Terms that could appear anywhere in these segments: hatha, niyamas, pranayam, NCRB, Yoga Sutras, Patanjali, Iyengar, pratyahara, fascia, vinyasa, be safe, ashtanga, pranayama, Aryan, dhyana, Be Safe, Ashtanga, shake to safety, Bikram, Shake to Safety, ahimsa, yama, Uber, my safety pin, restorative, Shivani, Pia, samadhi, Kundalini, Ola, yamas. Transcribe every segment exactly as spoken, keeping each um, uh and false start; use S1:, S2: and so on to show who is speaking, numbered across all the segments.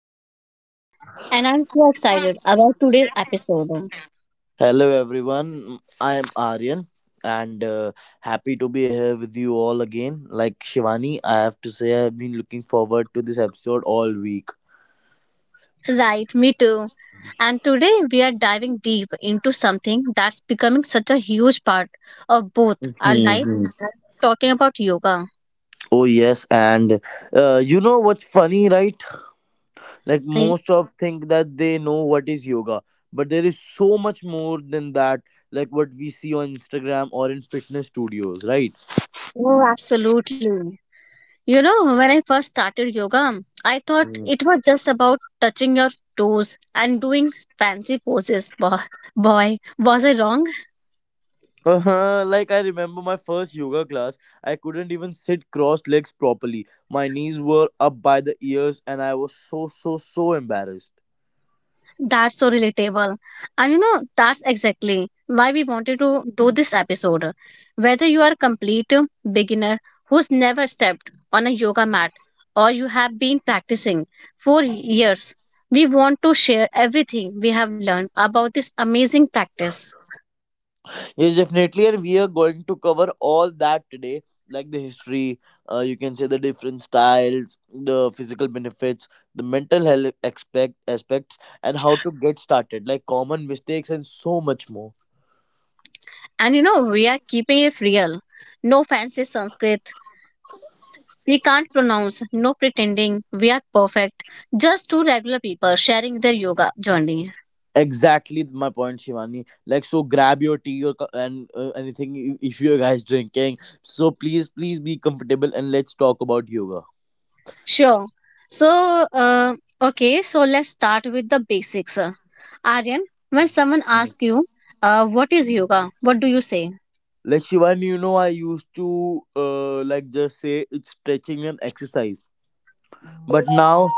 S1: Shivani, and I'm so excited about today's episode.
S2: Hello everyone, I am Aryan and uh, happy to be here with you all again. Like Shivani, I have to say I've been looking forward to this episode all week.
S1: Right, me too. And today we are diving deep into something that's becoming such a huge part of both our life
S2: hmm
S1: and talking about yoga.
S2: Oh yes, and uh, you know what's funny, right? Like
S1: Yeah.
S2: most of think that they know what is yoga, but there is so much more than that. Like what we see on Instagram or in fitness studios, right?
S1: Oh, absolutely. You know, when I first started yoga, I thought it was just about touching your toes and doing fancy poses. Boy, boy was I wrong?
S2: Uh-huh. Like I remember my first yoga class, I couldn't even sit crossed legs properly. My knees were up by the ears and I was so so so embarrassed.
S1: That's so relatable. And you know, that's exactly why we wanted to do this episode. Whether you are a complete beginner who's never stepped on a yoga mat or you have been practicing for years, we want to share everything we have learned about this amazing practice.
S2: Yes, definitely and we are going to cover all that today, like the history, uh, you can say the different styles, the physical benefits, the mental health aspect aspects and how to get started, like common mistakes and so much more.
S1: And you know, we are keeping it real. No fancy Sanskrit. We can't pronounce, no pretending we are perfect. Just two regular people sharing their yoga journey.
S2: Exactly my point, Shivani. Like, so grab your tea or co- and uh, anything i- if you guys drinking. So please, please be comfortable and let's talk about yoga.
S1: Sure. So, uh, okay, so let's start with the basics. uh. Aryan, when someone asks you, uh, what is yoga? What do you say?
S2: Like Shivani, you know I used to uh, like just say it's stretching and exercise, but now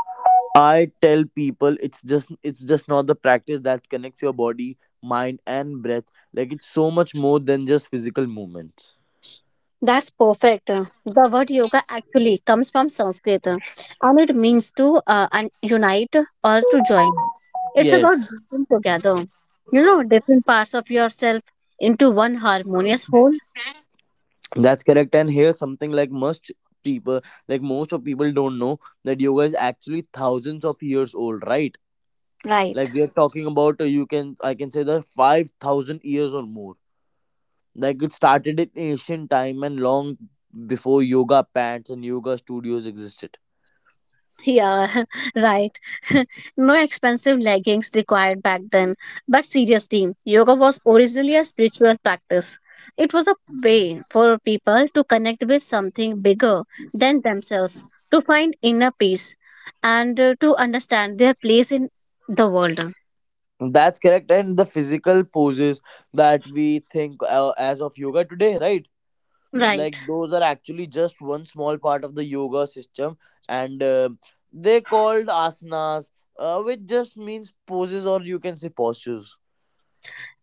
S2: I tell people it's just it's just not the practice that connects your body, mind, and breath. Like it's so much more than just physical movements.
S1: That's perfect. uh. The word yoga actually comes from Sanskrit, uh, and it means to uh, un- unite or to join. It's about
S2: Yes.
S1: bringing together, you know, different parts of yourself into one harmonious whole.
S2: That's correct. And here's something like most people, like most of people don't know that yoga is actually thousands of years old, right? Like
S1: Right.
S2: we are talking about, uh, you can, I can say that five thousand years or more. Like it started in ancient time and long before yoga pants and yoga studios existed.
S1: Yeah, right. No expensive leggings required back then. But seriously, yoga was originally a spiritual practice. It was a way for people to connect with something bigger than themselves, to find inner peace, and uh, to understand their place in the world.
S2: That's correct. And the physical poses that we think uh, as of yoga today, right? Like
S1: Right.
S2: those are actually just one small part of the yoga system and uh, they called asanas, uh, which just means poses or you can say postures.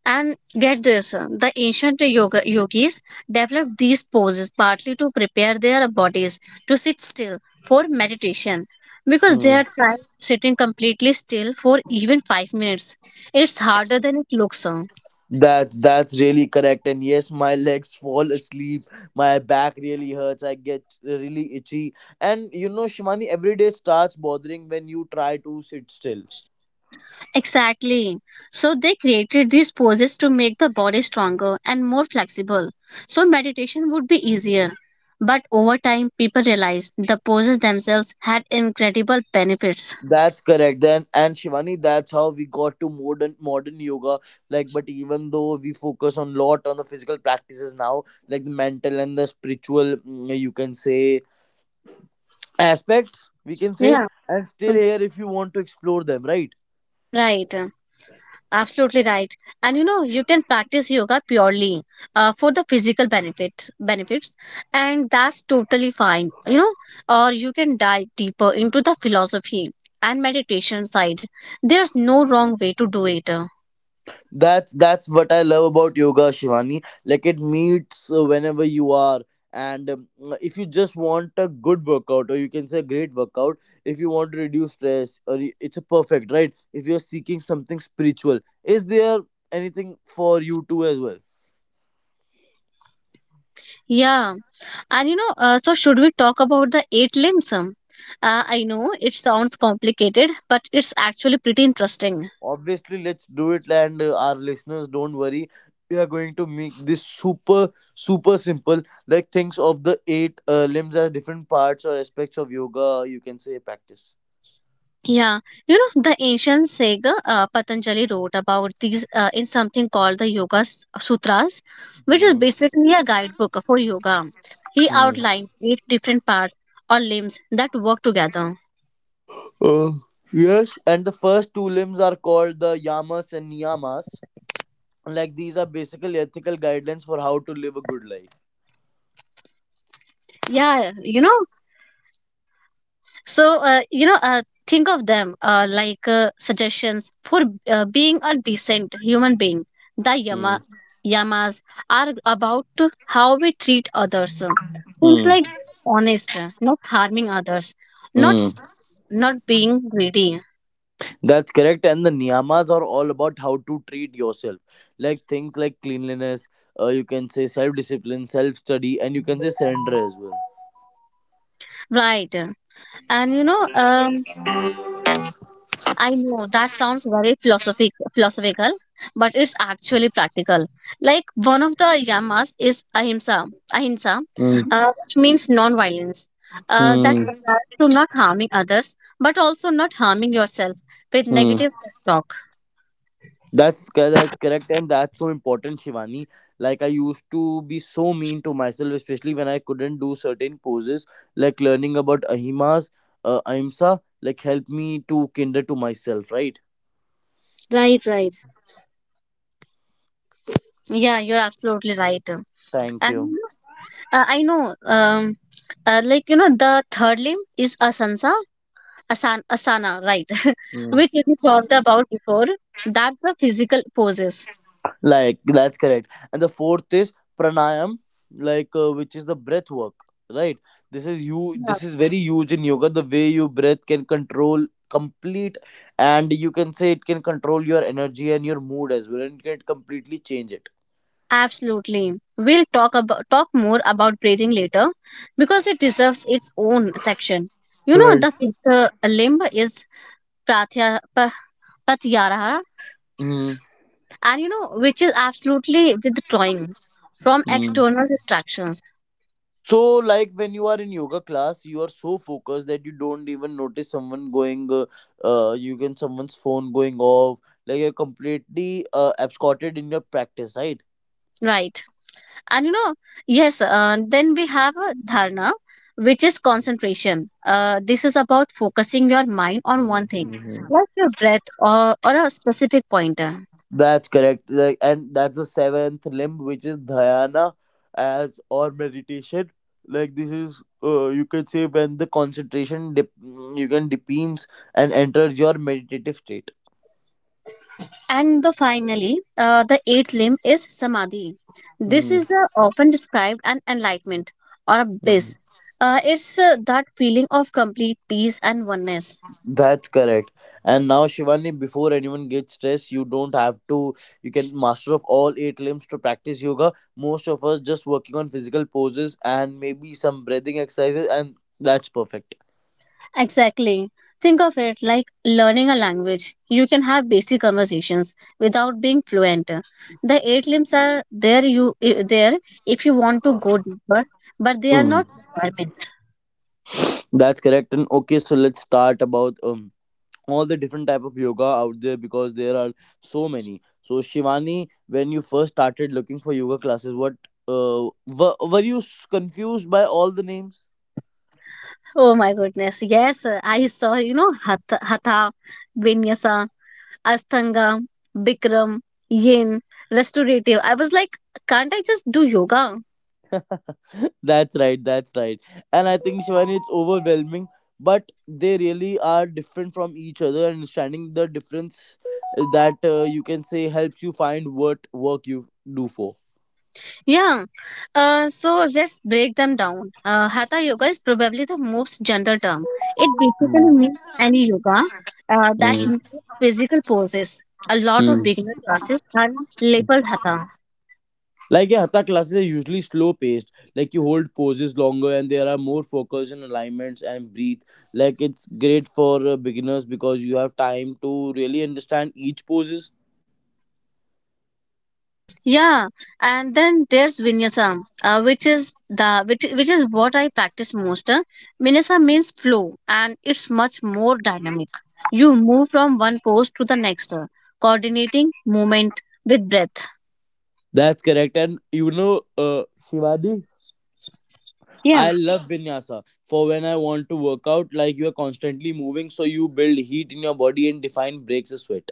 S1: And get this, uh, the ancient yoga yogis developed these poses partly to prepare their bodies to sit still for meditation because they
S2: Hmm.
S1: are trying sitting completely still for even five minutes. It's harder than it looks. uh.
S2: That's that's really correct. And yes, my legs fall asleep. My back really hurts. I get really itchy. And you know, Shimani, every day starts bothering when you try to sit still.
S1: Exactly. So they created these poses to make the body stronger and more flexible. So meditation would be easier. But over time people realized the poses themselves had incredible benefits.
S2: That's correct. Then and Shivani, that's how we got to modern modern yoga. Like, but even though we focus on lot on the physical practices now, like the mental and the spiritual, mm, you can say aspects, we can say,
S1: Yeah.
S2: and still here if you want to explore them, right?
S1: Right. Absolutely right. And you know, you can practice yoga purely uh, for the physical benefits benefits, and that's totally fine. You know, or you can dive deeper into the philosophy and meditation side. There's no wrong way to do it. uh.
S2: That's that's what I love about yoga, Shivani. Like it meets uh, whenever you are, and um, if you just want a good workout, or you can say great workout, if you want to reduce stress, or y- it's a perfect right. If you're seeking something spiritual, is there anything for you too as well?
S1: Yeah. And you know, uh, so should we talk about the eight limbs? um? Uh, I know it sounds complicated, but it's actually pretty interesting.
S2: Obviously, let's do it, and uh, our listeners, don't worry. We are going to make this super super simple. Like things of the eight uh, limbs as different parts or aspects of yoga, you can say practice.
S1: Yeah, you know, the ancient sage, uh, Patanjali, wrote about these uh, in something called the Yoga S- uh, Sutras, which is
S2: Hmm.
S1: basically a guidebook for yoga. He
S2: Hmm.
S1: outlined eight different parts or limbs that work together.
S2: Oh, yes, and the first two limbs are called the yamas and niyamas. Like these are basically ethical guidelines for how to live a good life.
S1: Yeah, you know, so, uh, you know uh, think of them uh, like uh, suggestions for uh, being a decent human being. The
S2: Hmm.
S1: yama yamas are about to how we treat others, things
S2: Hmm.
S1: like honest, not harming others, not
S2: Hmm.
S1: s- not being greedy.
S2: That's correct. And the niyamas are all about how to treat yourself. Like things like cleanliness, uh, you can say self discipline, self study, and you can say surrender as
S1: Right. And you know um, I know that sounds very philosophic, philosophical, but it's actually practical. Like one of the yamas is ahimsa, ahimsa,
S2: well.
S1: uh, which means non-violence. Uh, that
S2: Hmm.
S1: applies to not harming others, but also not harming yourself with
S2: Hmm.
S1: negative self-talk.
S2: That's cor- that's correct, and that's so important, Shivani. Like I used to be so mean to myself, especially when I couldn't do certain poses. Like learning about ahimas, uh, ahimsa, like helped me to kinder to myself. Right?
S1: Right, right. Yeah, you're absolutely right.
S2: Thank
S1: And
S2: you.
S1: you know, uh, I know, um, uh, like you know, the third limb is asansa, Asana, asana right,
S2: Mm.
S1: which we talked about before, that the physical poses.
S2: Like that's correct. And the fourth is pranayam, like uh, which is the breath work, right? This is you.
S1: Yeah.
S2: This is very huge in yoga. The way you breath can control complete, and you can say it can control your energy and your mood as well, and it can completely change it.
S1: Absolutely. We'll talk about talk more about breathing later because it deserves its own section. You know
S2: Right.
S1: the fifth uh, limb is pratyahara, pratyahara
S2: Mm.
S1: and you know which is absolutely withdrawing from
S2: Mm.
S1: external distractions.
S2: So, like when you are in yoga class, you are so focused that you don't even notice someone going, uh, uh you can someone's phone going off. Like you're completely uh, absconded in your practice, right?
S1: Right. And you know yes uh, then we have a dharna, which is concentration. Uh, this is about focusing your mind on one thing,
S2: Mhm.
S1: like your breath, or, or a specific pointer.
S2: That's correct. Like, and that's the seventh limb, which is dhyana, as or meditation. Like this is, uh, you could say when the concentration dip, you can deepens and enters your meditative state.
S1: And the finally uh, the eighth limb is samadhi. This
S2: Hmm.
S1: is uh, often described an enlightenment or a
S2: Mhm.
S1: bliss. Uh, it's uh, that feeling of complete peace and oneness.
S2: That's correct. And now, Shivani, before anyone gets stressed, you don't have to. You can master up all eight limbs to practice yoga. Most of us just working on physical poses and maybe some breathing exercises, and that's perfect.
S1: Exactly. Think of it like learning a language. You can have basic conversations without being fluent. The eight limbs are there you i- there if you want to go deeper, but they are
S2: Mm.
S1: not requirement.
S2: That's correct. And okay, so let's start about um all the different type of yoga out there because there are so many. So Shivani, when you first started looking for yoga classes, what uh were, were you s- confused by all the names?
S1: Oh my goodness. Yes, I saw, you know, hatha, hatha vinyasa, ashtanga, bikram, yin, restorative. I was like, can't I just do yoga?
S2: that's right, that's right. And I think Shivani, it's overwhelming, but they really are different from each other. Understanding the difference uh, that uh, you can say helps you find what work you do for.
S1: Yeah, uh, so let's break them down. Uh, hatha yoga is probably the most general term. It
S2: Hmm.
S1: basically means any yoga uh, that
S2: Hmm.
S1: includes physical poses. A lot of
S2: Mm.
S1: beginner classes are labeled hatha.
S2: Like a hatha classes are usually slow paced. Like you hold poses longer and there are more focus and alignments and breathe. Like it's great for uh, beginners because you have time to really understand each poses.
S1: Yeah, and then there's vinyasa, uh, which is the which, which is what I practice most. Uh, Vinyasa means flow, and it's much more dynamic. You move from one pose to the next, uh, coordinating movement with breath.
S2: That's correct. And you know, uh, Shivadi,
S1: Yeah.
S2: I love vinyasa for when I want to work out. Like you are constantly moving, so you build heat in your body and define breaks a sweat.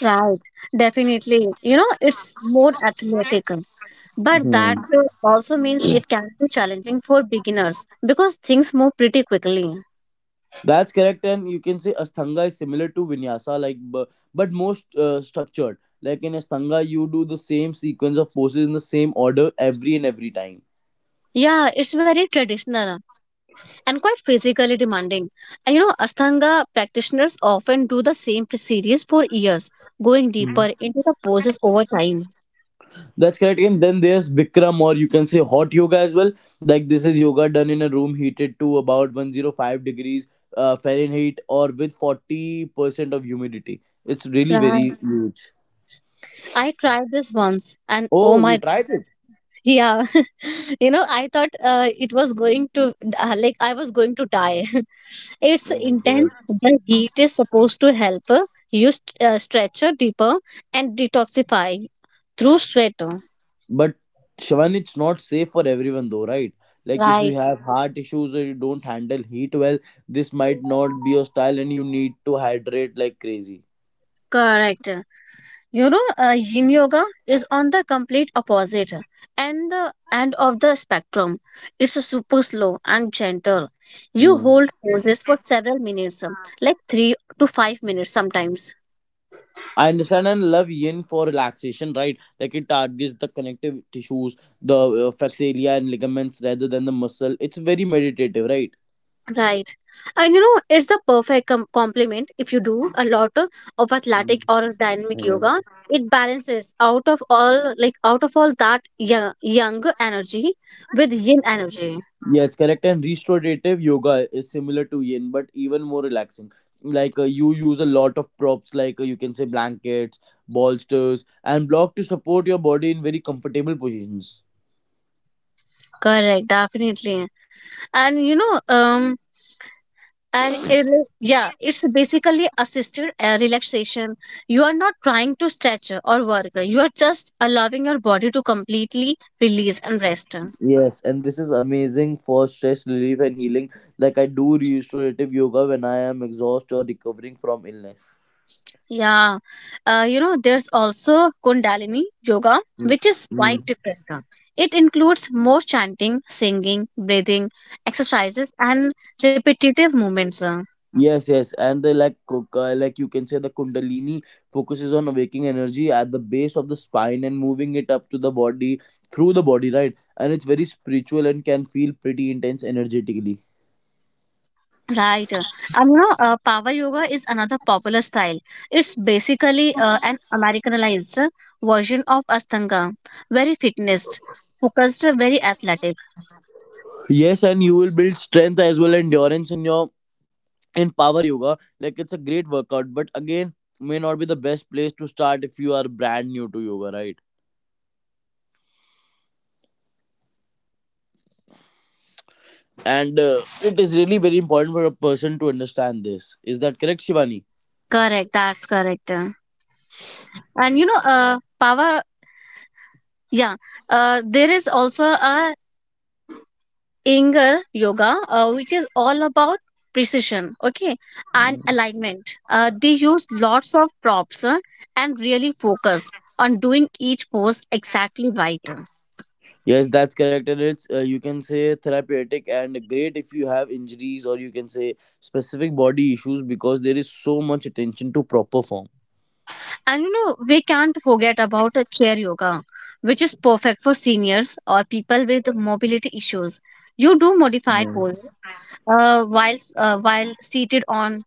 S1: Right, definitely. You know, it's more athletic, but
S2: Hmm.
S1: that uh, also means it can be challenging for beginners because things move pretty quickly.
S2: That's correct, and you can say Ashtanga is similar to Vinyasa, like bu- but most uh, structured. Like in Ashtanga, you do the same sequence of poses in the same order every and every time.
S1: Yeah, it's very traditional and quite physically demanding. And you know, Ashtanga practitioners often do the same series for years, going deeper into the poses over time.
S2: That's correct. And then there's Bikram, or you can say hot yoga as well. Like this is yoga done in a room heated to about one hundred five degrees uh, Fahrenheit or with forty percent of humidity. It's really
S1: Right.
S2: very huge.
S1: I tried this once and oh
S2: Oh, you
S1: my,
S2: tried it?
S1: yeah, you know, I thought uh, it was going to, uh, like, I was going to die. It's
S2: Oh my god.
S1: intense. The heat is supposed to help uh, you st- uh, stretch uh, deeper and detoxify through sweat.
S2: But Shivan, it's not safe for everyone though, right? Like if you
S1: Right.
S2: have heart issues or you don't handle heat well, this might not be your style and you need to hydrate like crazy.
S1: Correct. You know, uh, yin yoga is on the complete opposite and the end of the spectrum. It's a super slow and gentle. You
S2: Hmm.
S1: hold poses for several minutes, um, like three to five minutes sometimes.
S2: I understand and love yin for relaxation, right? Like it targets the connective tissues, the uh, fascia and ligaments rather than the muscle. It's very meditative, right?
S1: Right. And you know, it's the perfect com- complement if you do a lot of of
S2: Hmm.
S1: athletic or dynamic
S2: Hmm.
S1: yoga. It balances out of all like out of all that young, young energy with yin energy.
S2: Yes, correct. And restorative yoga is similar to yin, but even more relaxing. Like uh, you use a lot of props, like uh, you can say blankets, bolsters, and block to support your body in very comfortable positions.
S1: Correct, definitely. And you know, um and it, yeah, it's basically assisted uh, relaxation. You are not trying to stretch or work. You are just allowing your body to completely release and rest.
S2: Yes, and this is amazing for stress relief and healing. Like I do restorative yoga when I am exhausted or recovering from illness.
S1: Yeah, uh, you know, there's also Kundalini yoga,
S2: Mm,
S1: which is
S2: mm.
S1: quite different. uh. It includes more chanting, singing, breathing exercises, and repetitive movements. uh.
S2: Yes, yes, and the like, co- co- Like you can say the Kundalini focuses on waking energy at the base of the spine and moving it up to the body through the body, right? And it's very spiritual and can feel pretty intense energetically.
S1: Right. uh. And you know, uh, power yoga is another popular style. It's basically uh, an Americanized uh, version of Ashtanga, very fitness focused, uh, very athletic.
S2: Yes, and you will build strength as well endurance in your in power yoga. Like it's a great workout, but again, may not be the best place to start if you are brand new to yoga, right? And uh, it is really very important for a person to understand this. Is that correct, Shivani?
S1: Correct, that's correct. uh. And you know, uh, power, yeah, uh, there is also a Inger yoga, uh, which is all about precision, okay, and alignment. Uh, they use lots of props uh, and really focus on doing each pose exactly right.
S2: Yes, that's correct, and it's uh, you can say therapeutic and great if you have injuries or you can say specific body issues because there is so much attention to proper form.
S1: And you know, we can't forget about a chair yoga, which is perfect for seniors or people with mobility issues. You do modified pose uh, while uh, while seated on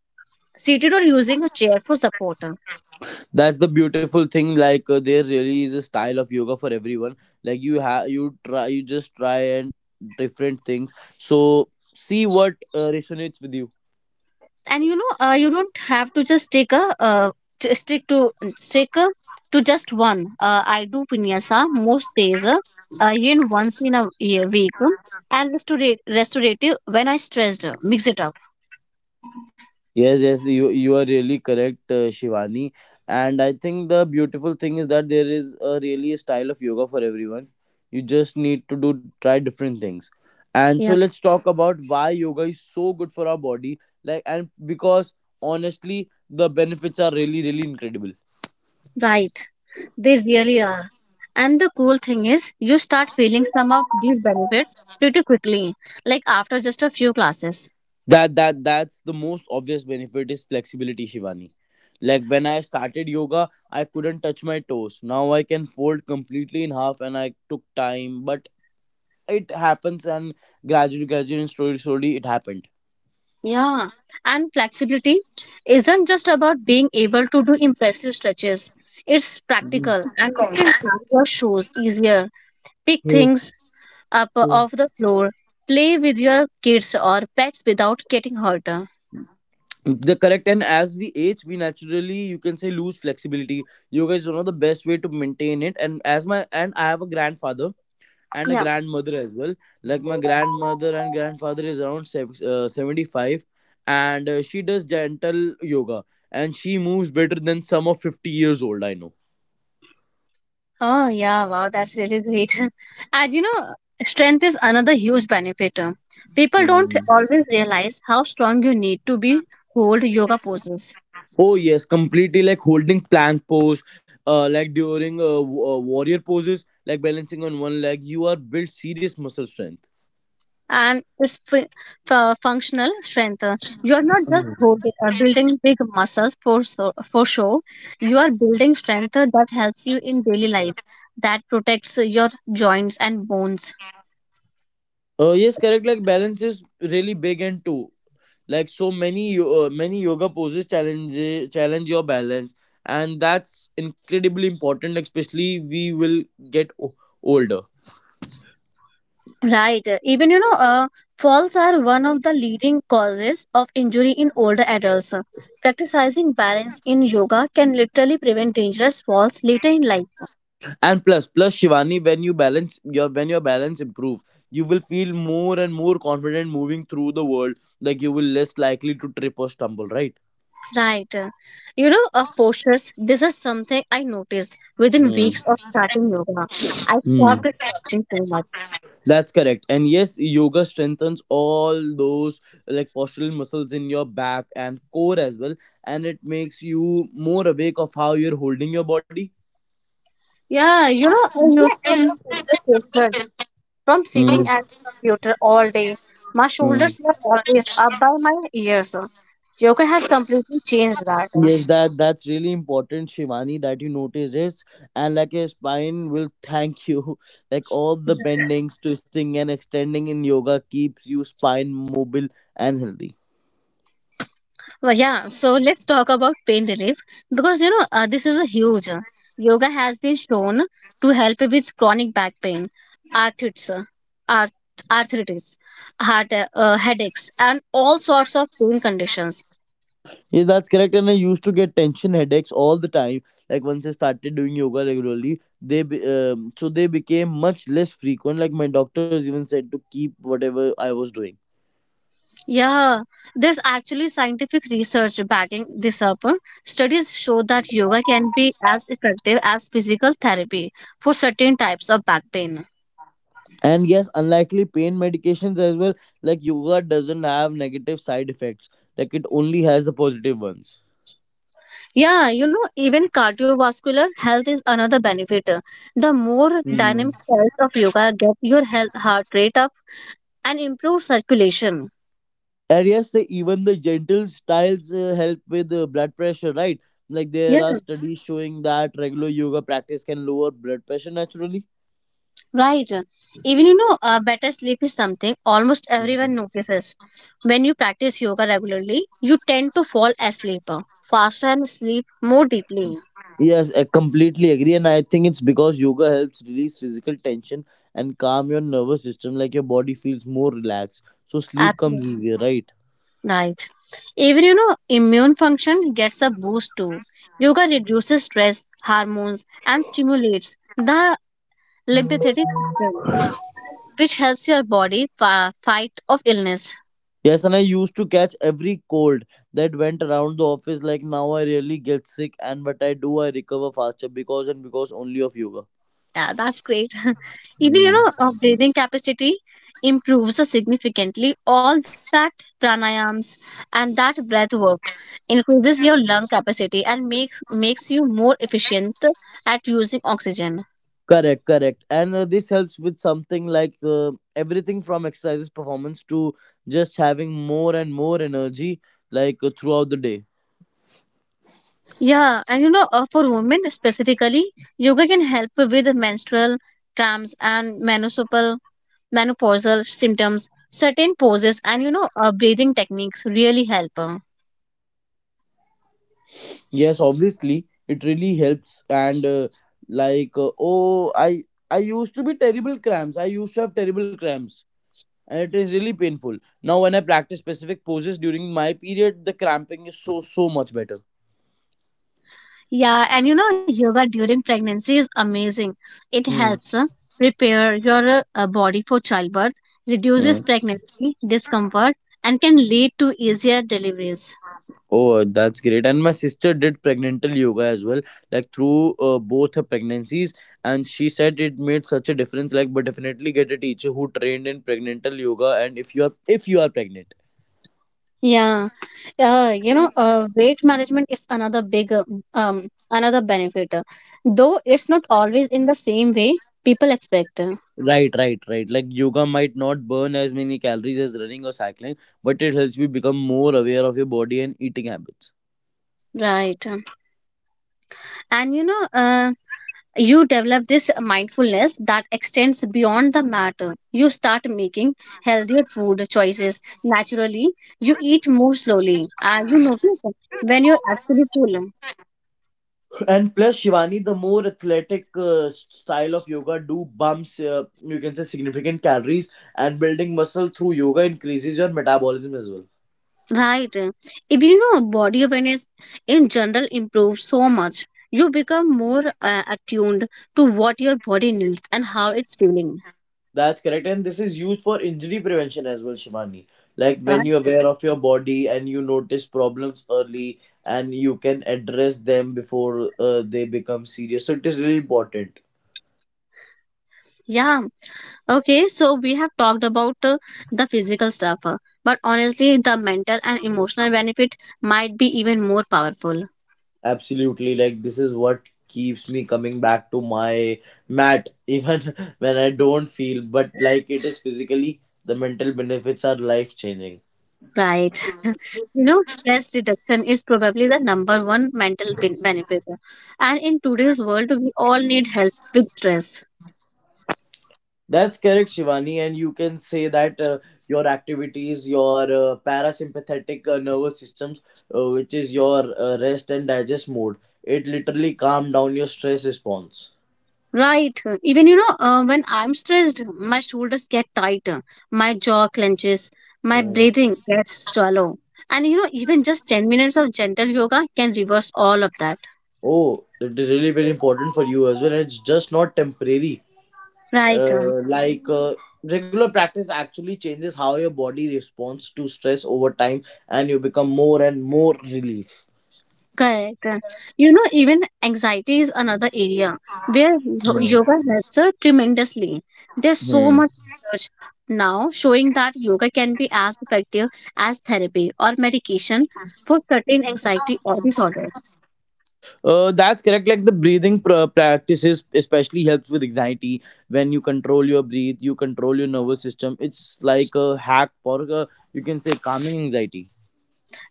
S1: seated or using a chair for support.
S2: That's the beautiful thing, like uh, there really is a style of yoga for everyone. Like you have you try you just try and different things, so see what uh, resonates with you.
S1: And you know, uh, you don't have to just take a uh, t- stick to stick a, to just one. Uh, i do vinyasa most days, uh, uh, even once in a year, week, um, and restora- restorative when I stressed, uh, mix it up.
S2: Yes, yes, you you are really correct, uh, Shivani. And I think the beautiful thing is that there is a really a style of yoga for everyone. You just need to do try different things. And so
S1: Yeah.
S2: let's talk about why yoga is so good for our body. Like and because honestly, the benefits are really really incredible.
S1: Right, they really are, and the cool thing is you start feeling some of these benefits pretty quickly, like after just a few classes.
S2: That that that's the most obvious benefit is flexibility, Shivani. Like when I started yoga, I couldn't touch my toes. Now I can fold completely in half, and I took time, but it happens and gradually gradually and slowly slowly it happened.
S1: Yeah, and flexibility isn't just about being able to do impressive stretches. It's
S2: Mhm.
S1: practical, and you can tie your shoes easier, pick
S2: Mhm.
S1: things up
S2: Mhm.
S1: off the floor, play with your kids or pets without getting hurt.
S2: The correct, and as we age we naturally you can say lose flexibility. Yoga is one of the best way to maintain it, and as my and I have a grandfather and a
S1: Yeah.
S2: grandmother as well. Like my grandmother and grandfather is around sev- uh, seventy-five, and uh, she does gentle yoga and she moves better than some of fifty years old I
S1: Oh, yeah, wow, that's really great. And you know, strength is another huge benefit. People don't
S2: know.
S1: always realize how strong you need to be hold yoga poses.
S2: Oh yes, completely like holding plank pose, uh, like during uh, w- uh, warrior poses, like balancing on one leg. You are built serious muscle strength.
S1: And it's fu- fu- functional strength. You are not just
S2: Mhm.
S1: holding, uh, building big muscles for so, for show. You are building strength that helps you in daily life, that protects your joints and bones.
S2: Uh, yes, correct. Like balance is really big and too. Like so many yo- uh, many yoga poses challenge challenge your balance, and that's incredibly important. Like Especially we will get o- older.
S1: Right. Even you know, uh, falls are one of the leading causes of injury in older adults. Practicing balance in yoga can literally prevent dangerous falls later in life.
S2: And plus, plus Shivani, when you balance your when your balance improves, you will feel more and more confident moving through the world. Like you will less likely to trip or stumble, right?
S1: Right. You know, of postures, this is something I noticed within
S2: Hmm.
S1: weeks of starting yoga. I stopped
S2: Hmm,
S1: slouching so much.
S2: that's correct. And yes, yoga strengthens all those like postural muscles in your back and core as well, and it makes you more awake of how you're holding your body.
S1: Yeah, you know, I used to have terrible postures from
S2: Hmm.
S1: sitting at the computer all day. My
S2: Hmm.
S1: shoulders were always up by my ears. Yoga has completely changed that.
S2: Yes, that that's really important, Shivani, that you notice it, and like your spine will thank you. Like all the bendings, twisting, and extending in yoga keeps you spine mobile and healthy.
S1: Well, yeah, so let's talk about pain relief because you know, uh, this is a huge. uh, Yoga has been shown to help with chronic back pain, arthritis, uh, arth- arthritis, heart uh, uh, headaches, and all sorts of pain conditions.
S2: Yes, that's correct. And I used to get tension headaches all the time. Like once I started doing yoga regularly, they be, um, so they became much less frequent. Like my doctors even said to keep whatever I was doing.
S1: Yeah, there's actually scientific research backing this up. Studies show that yoga can be as effective as physical therapy for certain types of back pain.
S2: And yes, unlikely pain medications as well, like yoga doesn't have negative side effects. Like it only has the positive ones.
S1: Yeah, you know, even cardiovascular health is another benefit. The more
S2: Hmm.
S1: dynamic styles of yoga get your health, heart rate up and improve circulation.
S2: And yes, the, even the gentle styles uh, help with uh, blood pressure, right? Like
S1: Yeah,
S2: there are studies showing that regular yoga practice can lower blood pressure naturally.
S1: right. Even you know, uh, better sleep is something almost
S2: Hmm.
S1: everyone notices. When you practice yoga regularly, you tend to fall asleep uh, faster and sleep more deeply.
S2: Yes, I completely agree, and I think it's because yoga helps release physical tension and calm your nervous system. Like your body feels more relaxed, so sleep comes
S1: Absolutely.
S2: easier, right?
S1: Right. Even you know, immune function gets a boost too. Yoga reduces stress hormones and stimulates the lymphatic system, which helps your body fi- fight of illness.
S2: Yes, and I used to catch every cold that went around the office. Like now, I really get sick, and but I do, I recover faster because and because only of yoga.
S1: Yeah, that's great. Even you
S2: Hmm.
S1: know, uh, breathing capacity improves significantly. All that pranayams and that breath work increases your lung capacity and makes makes you more efficient at using oxygen.
S2: Correct, correct. And uh, this helps with something like uh, everything from exercises performance to just having more and more energy, like uh, throughout the day.
S1: Yeah, and you know, uh, for women specifically, yoga can help with menstrual cramps and menopausal menopausal symptoms, certain poses, and you know, uh, breathing techniques really help. uh.
S2: Yes, obviously it really helps, and uh, like uh, oh I I used to be terrible cramps. I used to have terrible cramps, and it is really painful. Now, when I practice specific poses during my period, the cramping is so so much better.
S1: Yeah, and you know, yoga during pregnancy is amazing. It
S2: Mm.
S1: helps uh, prepare your uh, uh, body for childbirth, reduces
S2: Mm.
S1: pregnancy discomfort, and can lead to easier deliveries.
S2: Oh, that's great. And my sister did pregnantal yoga as well, like through uh, both her pregnancies. And she said it made such a difference. Like, but definitely get a teacher who trained in pregnantal yoga. And if you are if you are pregnant.
S1: Yeah, uh, you know, uh, weight management is another big, uh, um, another benefit. uh, Though it's not always in the same way people expect. uh,
S2: Right, right, right. Like yoga might not burn as many calories as running or cycling, but it helps you become more aware of your body and eating habits.
S1: Right. And you know, uh, you develop this mindfulness that extends beyond the matter. You start making healthier food choices naturally. You eat more slowly. Uh, you notice when you're actually full.
S2: And plus, Shivani, the more athletic uh, style of yoga do bumps, uh, you can say significant calories, and building muscle through yoga increases your metabolism as well.
S1: Right. If you know body awareness in general improves so much, you become more uh, attuned to what your body needs and how it's feeling.
S2: That's correct, and this is used for injury prevention as well, Shivani. Like when
S1: Right.
S2: you're aware of your body and you notice problems early, and you can address them before uh, they become serious. So it is really important.
S1: Yeah. Okay, so we have talked about uh, the physical stuff, uh, but honestly, the mental and emotional benefit might be even more powerful.
S2: Absolutely, like this is what keeps me coming back to my mat even when I don't feel, but like it is physically, the mental benefits are life changing.
S1: Right. You know, stress reduction is probably the number one mental ben- benefit. uh, And in today's world, we all need help with stress.
S2: That's correct, Shivani, and you can say that uh, your activities, your uh, parasympathetic uh, nervous systems, uh, which is your uh, rest and digest mode, it literally calm down your stress response.
S1: Right. Even, you know, uh, when I'm stressed, my shoulders get tighter, my jaw clenches, my
S2: Mm.
S1: breathing gets shallow. And, you know, even just ten minutes of gentle yoga can reverse all of that.
S2: Oh, it is really very important for you as well. And it's just not temporary.
S1: Right.
S2: uh, like uh, Regular practice actually changes how your body responds to stress over time, and you become more and more relief.
S1: Correct. Uh, You know, even anxiety is another area where yo-
S2: Hmm.
S1: yoga helps uh, tremendously. There's so
S2: Hmm.
S1: much research now showing that yoga can be as effective as therapy or medication for certain anxiety or disorder.
S2: Uh, that's correct. Like the breathing pr- practices especially helps with anxiety. When you control your breath, you control your nervous system. It's like a hack for, uh, you can say, calming anxiety.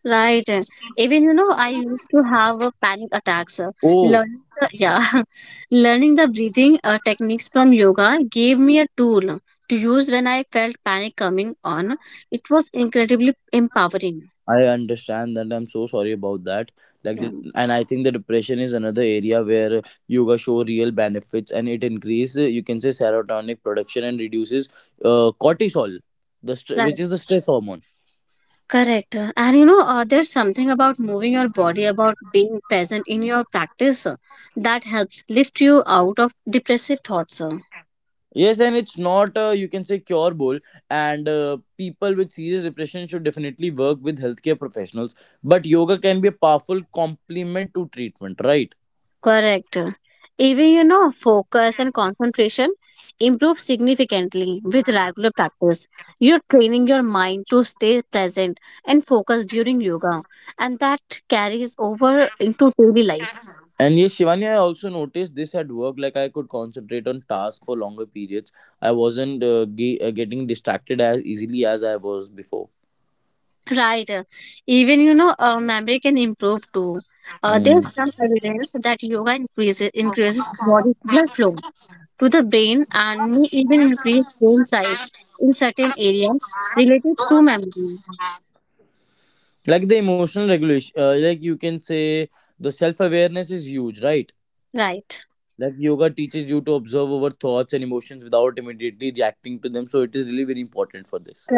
S1: Right. Uh, Even, you know, I used to have uh, panic attacks. uh,
S2: Oh,
S1: Learning the, yeah, learning the breathing uh, techniques from yoga gave me a tool to use when I felt panic coming on. It was incredibly empowering.
S2: I understand that. I'm so sorry about that. Like,
S1: Yeah,
S2: the, and I think the depression is another area where yoga show real benefits, and it increases, you can say, serotonin production and reduces uh, cortisol, the str which
S1: right.
S2: is the stress hormone.
S1: Correct. And you know, uh, there's something about moving your body, about being present in your practice uh, that helps lift you out of depressive thoughts. uh.
S2: Yes, and it's not, uh, you can say, curable, and uh, people with serious depression should definitely work with healthcare professionals. But yoga can be a powerful complement to treatment, right?
S1: Correct. Even, you know, focus and concentration improve significantly with regular practice. You're training your mind to stay present and focused during yoga, and that carries over into daily life.
S2: And yes, Shivani, I also noticed this at work. Like I could concentrate on tasks for longer periods. I wasn't uh, ge- uh, getting distracted as easily as I was before.
S1: Right. uh, Even, you know, uh, memory can improve too. Uh,
S2: Mm.
S1: there's some evidence that yoga increases increases body blood flow to the brain and may even increase brain size in certain areas related to memory.
S2: Like the emotional regulation, uh, like you can say, the self awareness is huge, right?
S1: Right.
S2: Like yoga teaches you to observe our thoughts and emotions without immediately reacting to them. So it is really very important for this.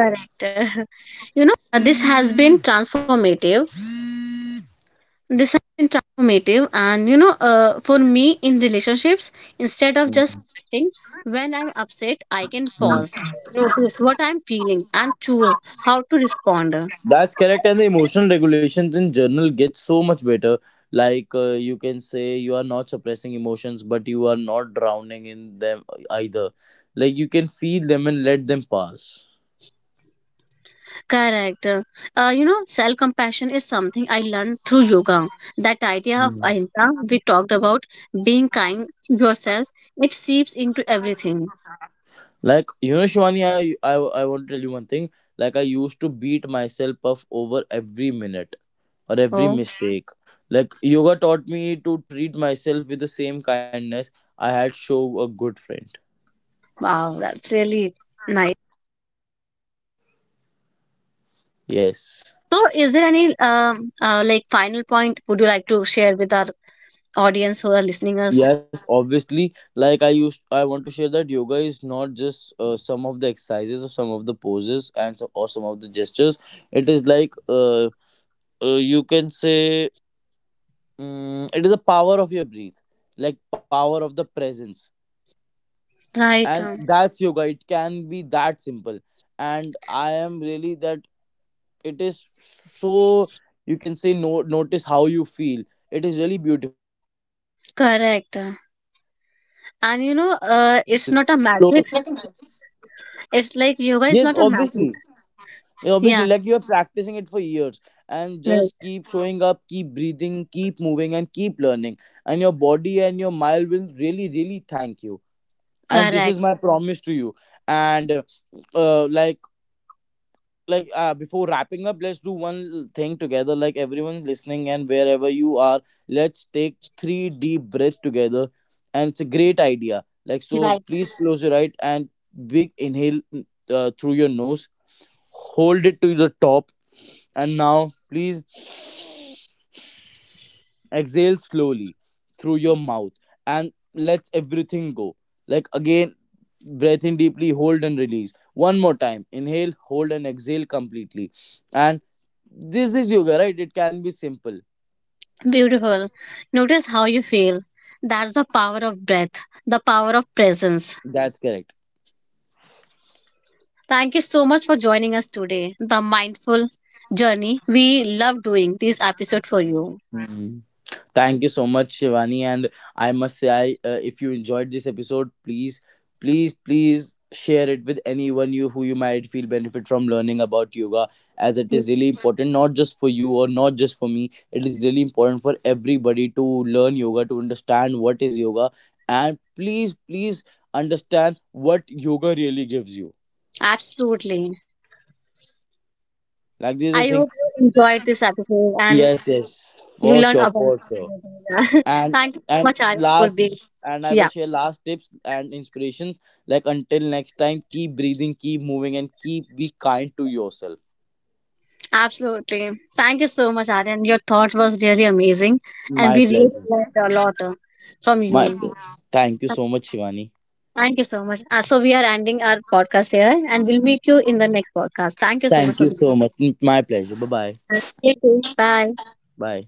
S2: Mm.
S1: pause, notice what I'm feeling and choose how to respond.
S2: That's correct, and the emotional regulations in journal get so much better. Like, uh, you can say, you are not suppressing emotions, but you are not drowning in them either. Like you can feel them and let them pass.
S1: Correct. Uh, you know, self compassion is something I learned through yoga. That idea of ahimsa we talked about, being kind to yourself, it seeps into everything.
S2: Like you know, Shivani, I I I want to tell you one thing. Like I used to beat myself up over every minute or every
S1: Oh,
S2: mistake. Like yoga taught me to treat myself with the same kindness I had show a good friend.
S1: wow, that's really nice.
S2: Yes.
S1: So, is there any um, uh, like final point would you like to share with our audience who are listening us?
S2: Yes, obviously. Like I used, I want to share that yoga is not just uh, some of the exercises or some of the poses and so, or some of the gestures. It is like, uh, uh you can say, um, it is a power of your breath, like power of the presence,
S1: Right.
S2: and
S1: um,
S2: yeah, that's yoga. It can be that simple, and I am really that it is so, you can say, no notice how you feel. It is really beautiful.
S1: Correct. And you know, uh, it's not a magic. It's like yoga is
S3: Yes,
S1: not a magic.
S3: obviously. Yeah, obviously,
S1: Yeah.
S3: like you are practicing it for years and just
S1: Yes.
S3: keep showing up, keep breathing, keep moving, and keep learning. And your body and your mind will really, really thank you. And this
S1: Correct.
S3: is my promise to you. And uh, uh, like, like uh, Before wrapping up, let's do one thing together. Like everyone listening and wherever you are, let's take three deep breaths together. And it's a great idea. Like so,
S1: Right.
S3: please close your right and big inhale uh, through your nose. Hold it to the top and now please exhale slowly through your mouth and let everything go. Like again, breathe in deeply, hold and release. One more time. Inhale, hold and exhale completely. And this is yoga, right? It can be simple.
S1: Beautiful. Notice how you feel. That's the power of breath, the power of presence.
S3: That's correct.
S1: Thank you so much for joining us today. The mindful journey. We love doing this episode for you.
S3: Mhm. Thank you so much, Shivani. And I must say, I uh, if you enjoyed this episode, please, please, please share it with anyone you who you might feel benefit from learning about yoga, as it is really important, not just for you or not just for me. It is really important for everybody to learn yoga, to understand what is yoga, and please, please understand what yoga really gives you.
S1: Absolutely.
S3: Like this is
S1: I
S3: the
S1: hope
S3: thing.
S1: you enjoyed this episode and
S3: Yes, yes,
S1: you
S3: for
S1: learned
S3: sure,
S1: about.
S3: for sure. and
S1: Thank you so
S3: and
S1: much, Aryan, for being.
S3: last, and I will
S1: Yeah,
S3: share last tips and inspirations, like until next time, keep breathing, keep moving, and keep be kind to yourself.
S1: absolutely. Thank you so much, Aryan. Your thought was really amazing, and
S3: My
S1: we really
S3: pleasure.
S1: learned a lot uh, from
S3: My
S1: you.
S3: pleasure. Thank you so much, Shivani.
S1: Thank you so much. Uh, so we are ending our podcast here and we'll meet you in the next podcast. Thank you so much
S3: Thank
S1: for
S3: you
S1: being
S3: so much. My pleasure. Bye bye.
S1: here. Thank you. Bye.
S3: Bye.